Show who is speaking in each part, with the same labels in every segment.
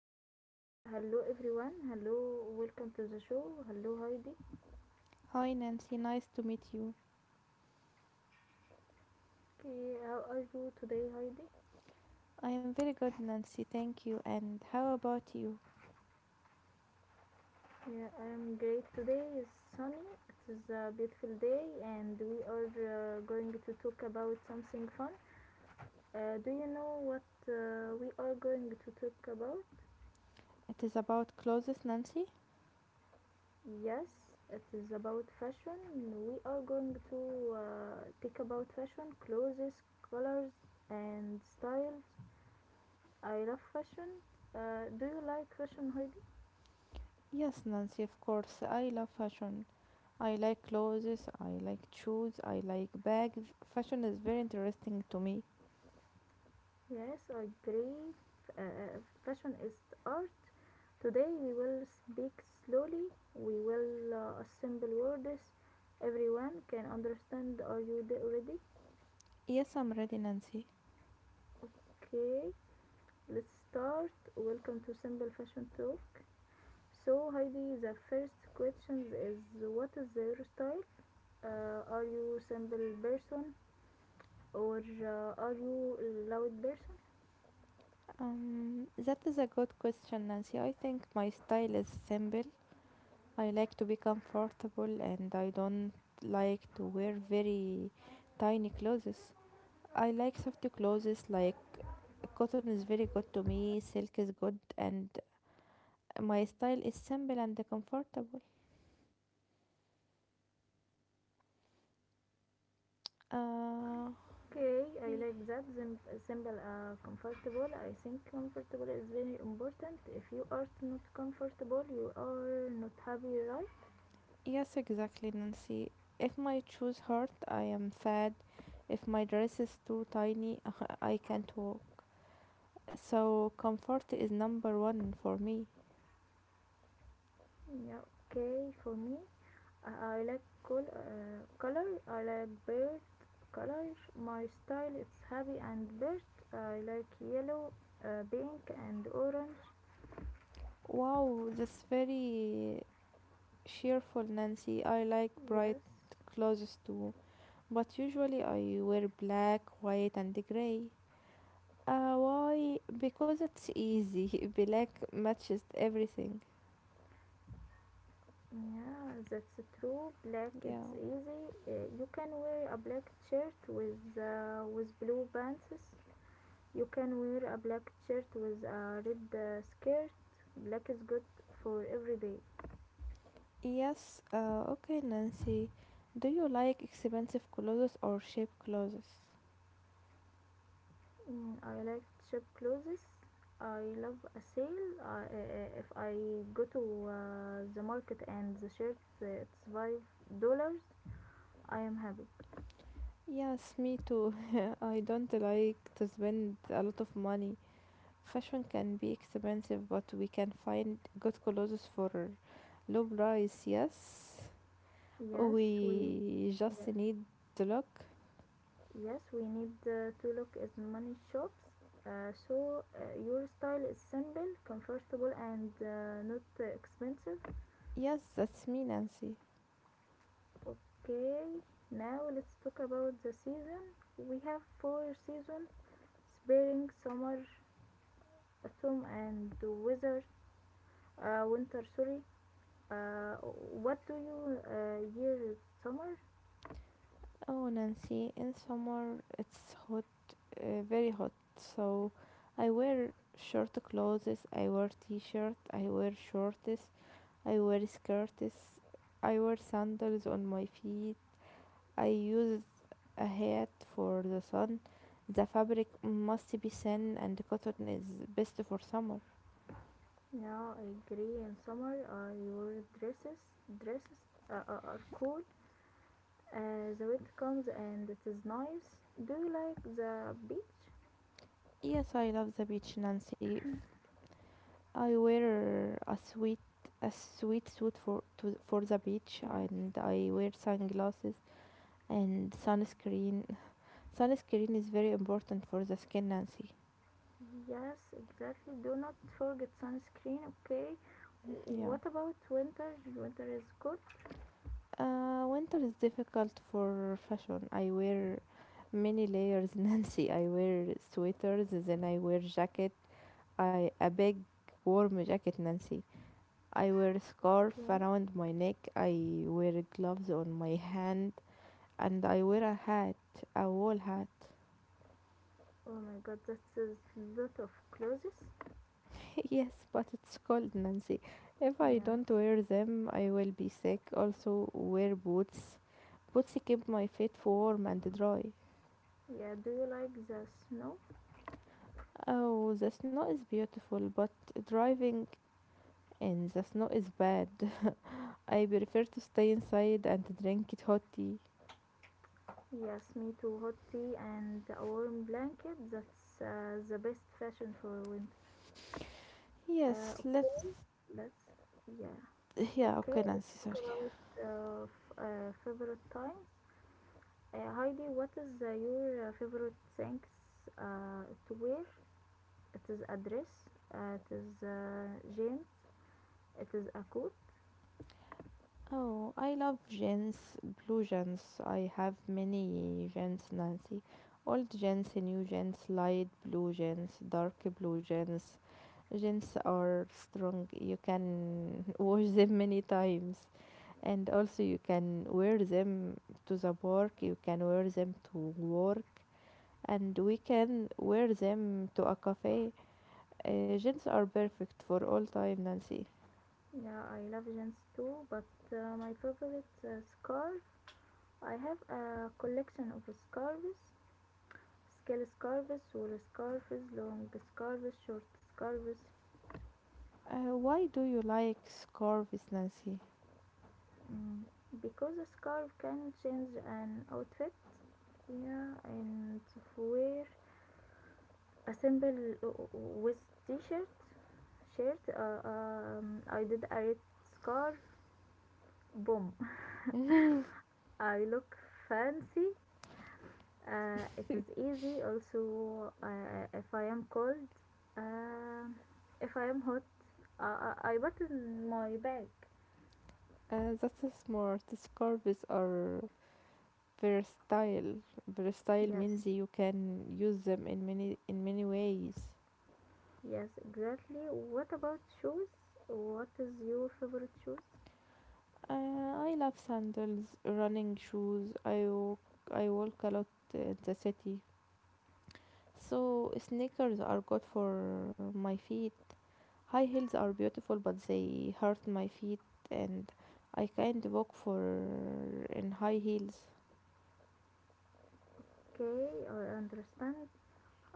Speaker 1: Hello, every Hello everyone. Hello, welcome to the show. Hello, Heidi.
Speaker 2: Hi Nancy, nice to meet you.
Speaker 1: Okay, how are you today, Heidi?
Speaker 2: I am very good, Nancy, thank you. And how about you?
Speaker 1: Yeah, I am great. Today is sunny. It is a beautiful day, and we are going to talk about something fun. Do you know what we are going to talk about?
Speaker 2: It is about clothes, Nancy?
Speaker 1: Yes, it is about fashion. We are going to talk about fashion, clothes, colors, and styles. I love fashion. Do you like fashion, Heidi?
Speaker 2: Yes, Nancy, of course. I love fashion. I like clothes, I like shoes, I like bags. Fashion is very interesting to me.
Speaker 1: Yes, I agree. F- uh, Fashion is art. Today we will speak slowly. We will assemble words. Everyone can understand. Are you there ready?
Speaker 2: Yes, I'm ready, Nancy.
Speaker 1: Okay, let's start. Welcome to Simple Fashion Talk. So, Heidi, the first question is what is your style? Are you simple person or are you loud person?
Speaker 2: That is a good question, Nancy. I think my style is simple. I like to be comfortable and I don't like to wear very tiny clothes. I like soft clothes like cotton is very good to me, silk is good, and my style is simple and comfortable. Uh,
Speaker 1: Okay, I like that. Simple, comfortable. I think comfortable is very important. If you are not comfortable, you are not happy, right?
Speaker 2: yes, exactly, Nancy. If my shoes hurt, I am sad. If my dress is too tiny, I can't walk. So, comfort is number one for me.
Speaker 1: Yeah. Okay, for me, I like color. I like bird colors. My style is happy and bird. I like yellow, pink, and orange.
Speaker 2: Wow, that's very cheerful, Nancy. I like bright
Speaker 1: Yes.
Speaker 2: clothes too, but usually I wear black, white, and gray. Why? Because it's easy. Black matches everything.
Speaker 1: Yeah, that's true. Black, it's
Speaker 2: Yeah.
Speaker 1: easy. You can wear a black shirt with blue pants. You can wear a black shirt with a red skirt. Black is good for every day.
Speaker 2: Yes. Okay, Nancy. Do you like expensive clothes or cheap clothes?
Speaker 1: I like cheap clothes. I love a sale. If I go to the market and the shirt it's $5, I am happy.
Speaker 2: Yes, me too. I don't like to spend a lot of money. Fashion can be expensive, but we can find good clothes for low price. Yes.
Speaker 1: Yes, we
Speaker 2: We just
Speaker 1: yes.
Speaker 2: need the look.
Speaker 1: Yes, we need to look as many shops. So your style is simple, comfortable, and not expensive.
Speaker 2: Yes, that's me, Nancy.
Speaker 1: Okay, now let's talk about the season. We have four seasons: spring, summer, autumn, and winter. Winter, sorry. What do you wear in summer?
Speaker 2: Oh, Nancy, in summer it's hot, very hot. So I wear short clothes, I wear t-shirt, I wear shorts, I wear skirts, I wear sandals on my feet. I use a hat for the sun. The fabric must be thin and cotton is best for summer.
Speaker 1: Now I agree. In summer, your dresses uh, are cool. The wind comes and it is nice. Do you like the beach?
Speaker 2: Yes, I love the beach, Nancy. I wear a sweet suit for to, for the beach
Speaker 1: Yes.
Speaker 2: and I wear sunglasses. And sunscreen. Sunscreen is very important for the skin, Nancy.
Speaker 1: Yes, exactly. Do not forget sunscreen, okay?
Speaker 2: Yeah.
Speaker 1: What about winter? Winter is good.
Speaker 2: Winter is difficult for fashion. I wear many layers, Nancy. I wear sweaters, then I wear jacket, I a big warm jacket, Nancy. I wear a scarf
Speaker 1: Okay.
Speaker 2: around my neck. I wear gloves on my hand, and I wear a hat, a wool hat.
Speaker 1: Oh my god, that is a lot of clothes.
Speaker 2: Yes, but it's cold, Nancy. If I
Speaker 1: Yes.
Speaker 2: don't wear them, I will be sick. Also, wear boots. Boots keep my feet warm and dry.
Speaker 1: Yeah, do you like the snow?
Speaker 2: Oh, the snow is beautiful, but driving in the snow is bad. I prefer to stay inside and drink it hot tea.
Speaker 1: Yes, me too. Hot tea and a warm blanket. That's the best fashion for winter.
Speaker 2: Yes,
Speaker 1: Okay,
Speaker 2: let's.
Speaker 1: let's. Yeah,
Speaker 2: Yeah,
Speaker 1: okay,
Speaker 2: okay,
Speaker 1: let's
Speaker 2: Nancy,
Speaker 1: talk
Speaker 2: sorry.
Speaker 1: about favorite times. Heidi, what is your favorite things to wear? It is a dress, it is jeans, it is a coat.
Speaker 2: Oh, I love gins, blue gins. I have many gins, Nancy. Old gins, new gins, light blue gins, dark blue gins. Gins are strong. You can wash them many times. And also you can wear them to the park. You can wear them to work. And we can wear them to a cafe. Gins are perfect for all time, Nancy.
Speaker 1: Yeah, I love jeans too, but my favorite scarf. I have a collection of scarves, scale scarves, wool scarves, long scarves, short scarves.
Speaker 2: Why do you like scarves, Nancy?
Speaker 1: Mm, because a scarf can change an outfit, yeah, and wear a simple with t-shirt shirt I did a red scarf boom. I look fancy. It is easy also if I am cold, um if I am hot, I button my bag.
Speaker 2: That's smart. Scarves are versatile. Versatile
Speaker 1: Yes,
Speaker 2: means you can use them in many ways.
Speaker 1: yes, exactly. What about shoes? What is your favorite shoes?
Speaker 2: Uh, I love sandals, running shoes. I walk a lot in the city. So sneakers are good for my feet. High heels are beautiful, but they hurt my feet, and I can't walk for in high heels.
Speaker 1: Okay, I understand.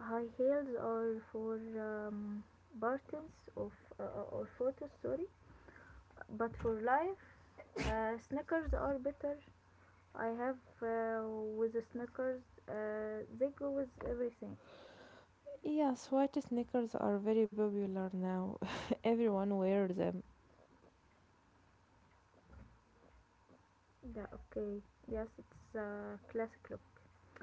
Speaker 1: High heels are for partings of or photos, sorry. But for life, sneakers are better. I have uh, with the sneakers, they go with everything.
Speaker 2: Yes, white sneakers are very popular now. Everyone wears them.
Speaker 1: Yeah, okay. Yes, it's a classic look.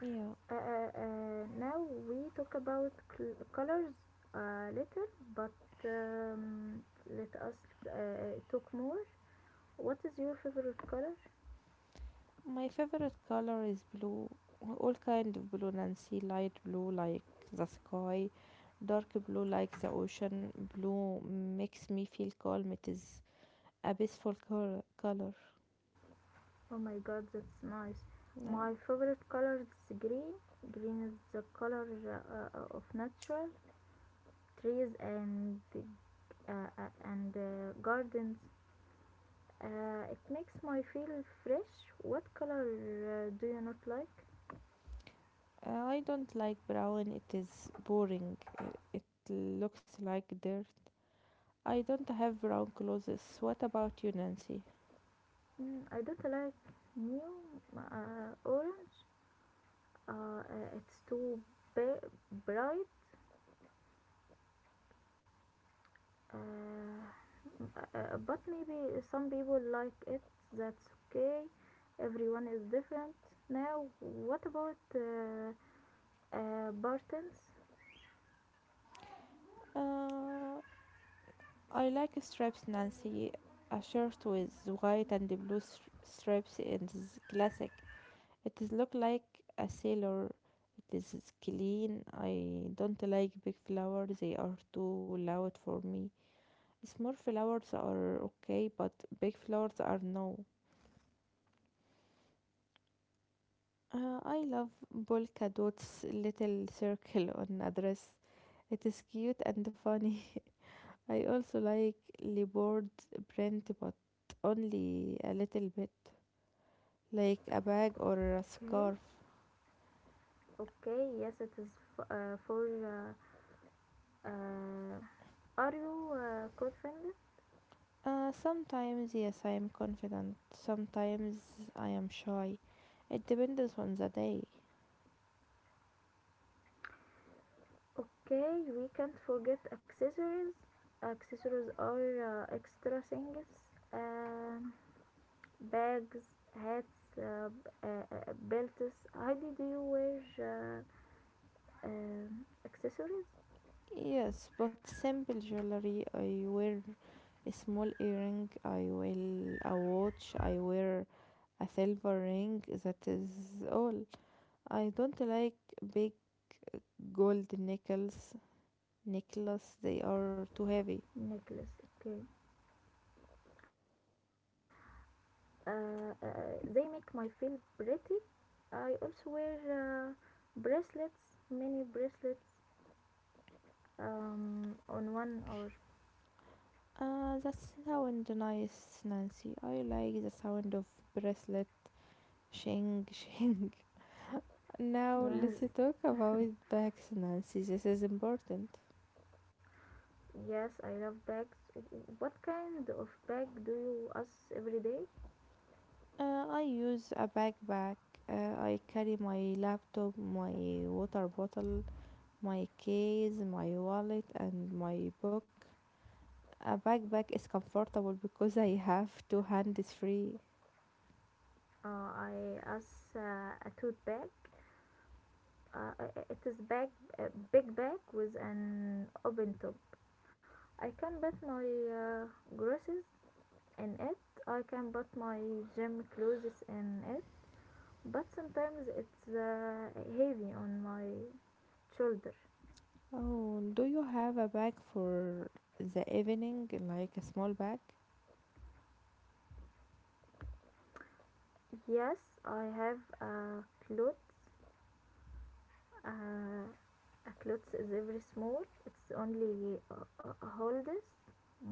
Speaker 2: Yeah.
Speaker 1: Uh, uh, Now we talk about colors later, but um, let us talk more. What is your favorite color?
Speaker 2: My favorite color is blue. All kind of blue, Nancy. Light blue like the sky. Dark blue like the ocean. Blue makes me feel calm. It is a peaceful color.
Speaker 1: Oh my god, that's nice.
Speaker 2: Yeah.
Speaker 1: My favorite color is green. Green is the color of natural trees and gardens. It makes me feel fresh. What color do you not like?
Speaker 2: I don't like brown. It is boring. It looks like dirt. I don't have brown clothes. What about you, Nancy?
Speaker 1: I don't like new orange. It's too ba- bright. Uh, but maybe some people like it. That's okay. Everyone is different. Now, what about Bartons?
Speaker 2: Uh, I like stripes Nancy. A shirt with white and blue stripes is classic. It is look like a sailor. It is clean. I don't like big flowers. They are too loud for me. Small flowers are okay, but big flowers are no. I love polka dots little circle on a dress. It is cute and funny. I also like leopard print but only a little bit, like a bag or a
Speaker 1: Okay.
Speaker 2: scarf.
Speaker 1: Okay. Yes, it is for. Uh, uh, are you confident?
Speaker 2: Sometimes, yes, I am confident. Sometimes I am shy. It depends on the day.
Speaker 1: Okay, we can't forget accessories. Accessories are extra things, um, bags, hats, belts. Heidi, do you wear accessories?
Speaker 2: Yes, but simple jewelry. I wear a small earring. I wear a watch. I wear a silver ring. That is all. I don't like big gold nickels. Necklace. They are too heavy.
Speaker 1: Necklace, okay. They make my feel pretty. I also wear bracelets, many bracelets, on one or
Speaker 2: That sound nice, Nancy. I like the sound of bracelet shing shing. Now let's
Speaker 1: yes,
Speaker 2: talk about bags, Nancy. This is important.
Speaker 1: yes, I love bags. What kind of bag do you use every day?
Speaker 2: I use a backpack. I carry my laptop, my water bottle, my case, my wallet, and my book. A backpack is comfortable because I have two hands free.
Speaker 1: I use a tote bag. Uh, it is bag, a big bag with an open top. I can put my groceries in it. I can put my gym clothes in it. But sometimes it's heavy on my shoulder.
Speaker 2: Oh, do you have a bag for the evening, like a small bag?
Speaker 1: Yes, I have a clothes, uh, a clothes is very small. It's only holders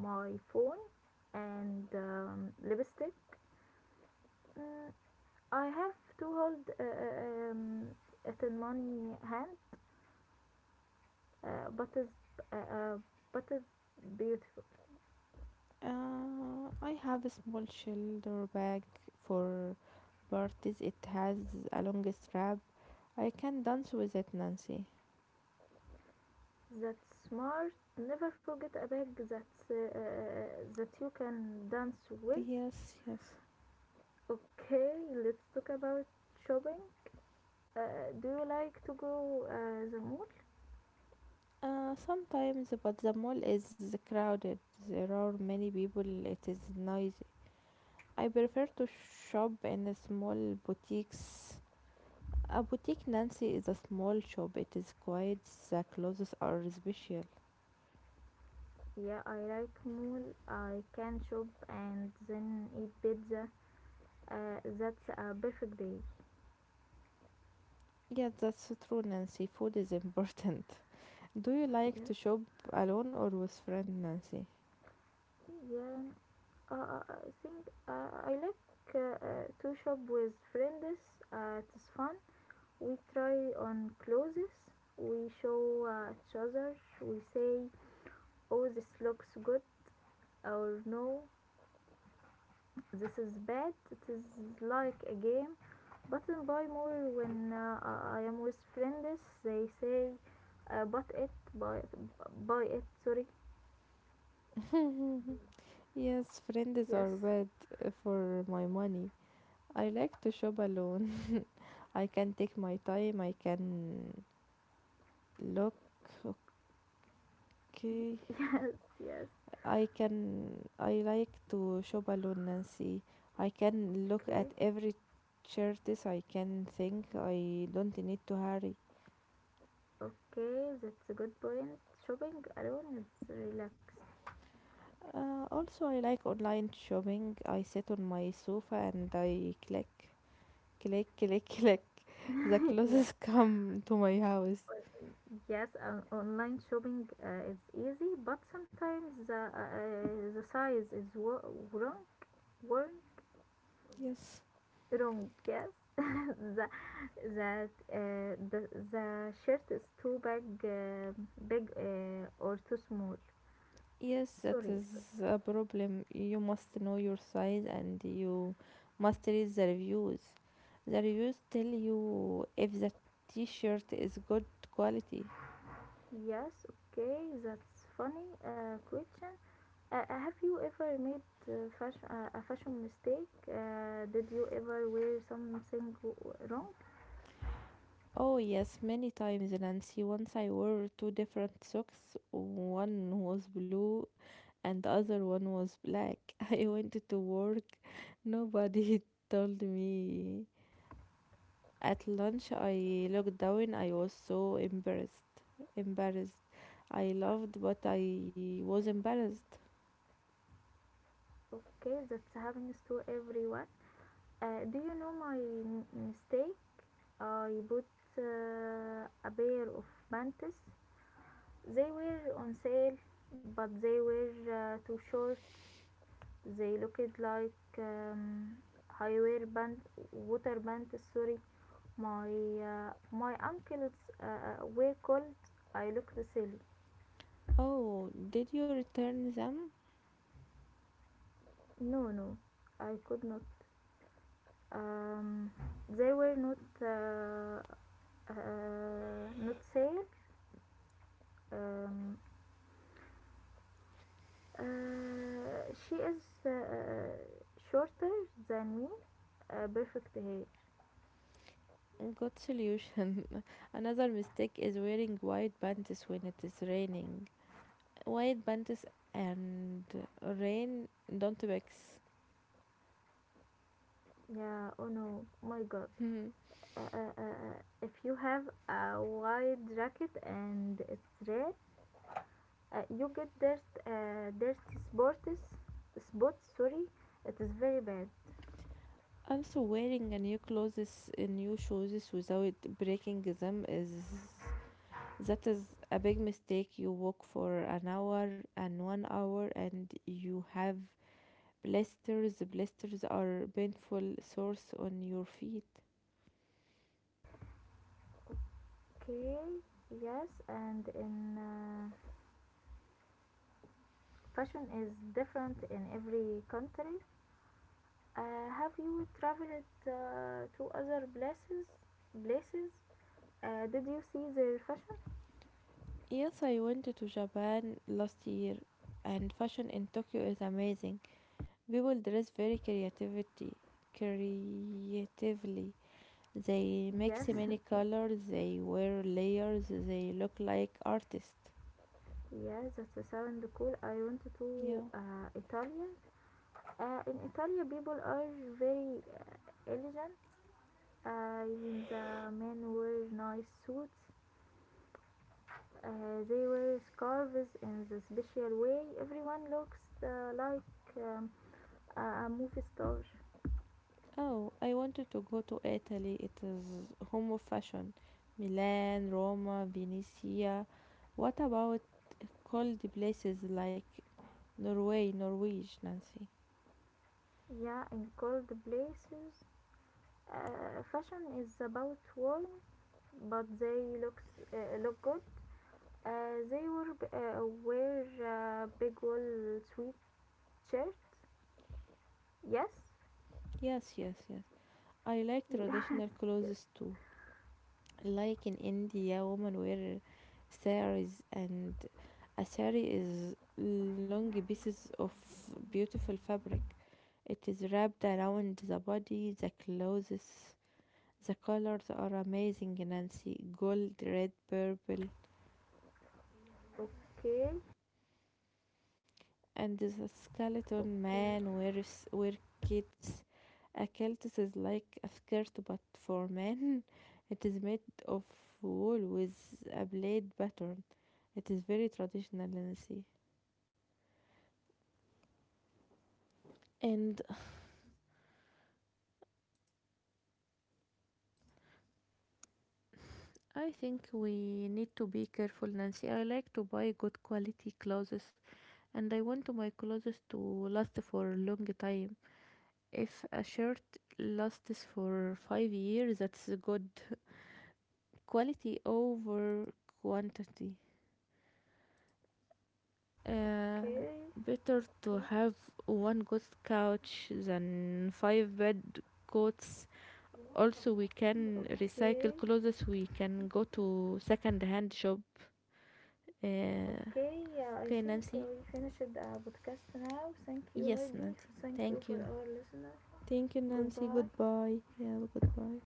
Speaker 1: my phone and lipstick. mm, I have to hold it in my hand, but is uh, uh, but is beautiful.
Speaker 2: I have a small shoulder bag for parties. It has a long strap. I can dance with it, Nancy.
Speaker 1: That's smart. Never forget a bag that you can dance with.
Speaker 2: Yes, yes.
Speaker 1: Okay, let's talk about shopping. uh, do you like to go the mall?
Speaker 2: Sometimes, but the mall is crowded. There are many people. It is noisy. I prefer to shop in a small boutiques. A boutique, Nancy, is a small shop. It is quiet. The clothes are special.
Speaker 1: Yeah, I like mole. I can shop and then eat pizza. That's a perfect day.
Speaker 2: Yes, that's true, Nancy. Food is important. Do you like to
Speaker 1: Yes,
Speaker 2: shop alone or with friend Nancy?
Speaker 1: yeah. I think I like to shop with friends. It's fun. We try on clothes. We show each other. We say, "Oh, this looks good," or "No, this is bad." It is like a game. Button buy more when I am with friends. They say, "But it, buy, buy it." Sorry.
Speaker 2: Yes, friends
Speaker 1: Yes,
Speaker 2: are bad for my money. I like to shop alone. I can take my time. I can look.
Speaker 1: yes, yes.
Speaker 2: I can. I like to shop alone, Nancy. I can look
Speaker 1: Okay,
Speaker 2: at every shirts. I can think. I don't need to hurry.
Speaker 1: okay. That's a good point. Shopping alone is relaxed.
Speaker 2: Also, I like online shopping. I sit on my sofa and I click. Click, click, click. The
Speaker 1: Yes.
Speaker 2: closest come to my house.
Speaker 1: Yes, online shopping is easy, but sometimes the size is wrong. Worn.
Speaker 2: Yes.
Speaker 1: Wrong. Yes, the that the shirt is too big, or too small.
Speaker 2: Yes, that
Speaker 1: Sorry, sorry.
Speaker 2: is a problem. You must know your size and you must read the reviews. The reviews tell you if the t shirt is good quality.
Speaker 1: Yes, okay, that's funny. Question: have you ever made fashion a fashion mistake? Did you ever wear something wrong?
Speaker 2: Oh, yes, many times, Nancy. Once I wore two different socks. One was blue and the other one was black. I went to work. Nobody told me. At lunch, I looked down. I was so embarrassed. Embarrassed. I loved, but I was embarrassed.
Speaker 1: Okay, that happens to everyone. Do you know my mistake? I bought a pair of panties. They were on sale, but they were too short. They looked like highway band, water band. Sorry, my my ankles were cold. I looked silly.
Speaker 2: Oh, did you return them?
Speaker 1: No, no, I could not. Um, they were not not sale. Um, she is shorter than me. Perfect hair.
Speaker 2: Good solution. Another mistake is wearing white pants when it is raining. White pants and rain don't mix.
Speaker 1: Yeah, oh no, my god. If you have a wide jacket and it's red, you get dirt, dirty spots. Spots, sorry, it is very bad.
Speaker 2: Also, wearing a new clothes, new shoes without breaking them is. That is a big mistake. You walk for an hour and 1 hour and you have blisters. Blisters are painful sores on your feet.
Speaker 1: Okay, yes, and in fashion is different in every country. Have you traveled to other places? Places? Did you see their fashion?
Speaker 2: Yes, I went to Japan last year and fashion in Tokyo is amazing. People dress very creativity creatively. They
Speaker 1: Yes,
Speaker 2: mix many colors, they wear layers, they look like artists.
Speaker 1: yeah, that sound cool. I went
Speaker 2: Yeah.
Speaker 1: to Italia. In Italia, people are very elegant. Even the men wear nice suits. Uh, they wear scarves in the special way. Everyone looks like a movie star.
Speaker 2: Oh, I wanted to go to Italy. It is home of fashion. Milan, Roma, Venice. What about cold places like Norway, Norwich, Nancy?
Speaker 1: Yeah, in cold places, fashion is about warm, but they look good. They were wear big wool suits shirt. Yes.
Speaker 2: Yes, yes, yes. I like
Speaker 1: Yeah,
Speaker 2: traditional
Speaker 1: yes.
Speaker 2: clothes too. Like in India, women wear saris, and a sari is long pieces of beautiful fabric. It is wrapped around the body, the clothes. The colors are amazing, Nancy. Gold, red, purple.
Speaker 1: Okay,
Speaker 2: And the skeleton
Speaker 1: okay,
Speaker 2: man wears wear kits. A kilt is like a skirt but for men. It is made of wool with a blade pattern. It is very traditional, Nancy. And I think we need to be careful, Nancy. I like to buy good quality clothes and I want my clothes to last for a long time. If a shirt lasts for 5 years, that's a good quality over quantity. Uh,
Speaker 1: okay,
Speaker 2: better to have one good couch than five bed coats. Also, we can
Speaker 1: okay,
Speaker 2: recycle
Speaker 1: okay,
Speaker 2: clothes. We can go to second-hand shop. Uh,
Speaker 1: okay, yeah, I
Speaker 2: okay,
Speaker 1: think
Speaker 2: Nancy.
Speaker 1: we finished the podcast now. Thank you,
Speaker 2: Yes,
Speaker 1: Heidi.
Speaker 2: Nancy.
Speaker 1: Thank you
Speaker 2: Thank
Speaker 1: for
Speaker 2: you.
Speaker 1: our listener.
Speaker 2: Thank you, Nancy.
Speaker 1: Goodbye.
Speaker 2: Goodbye. Yeah, goodbye.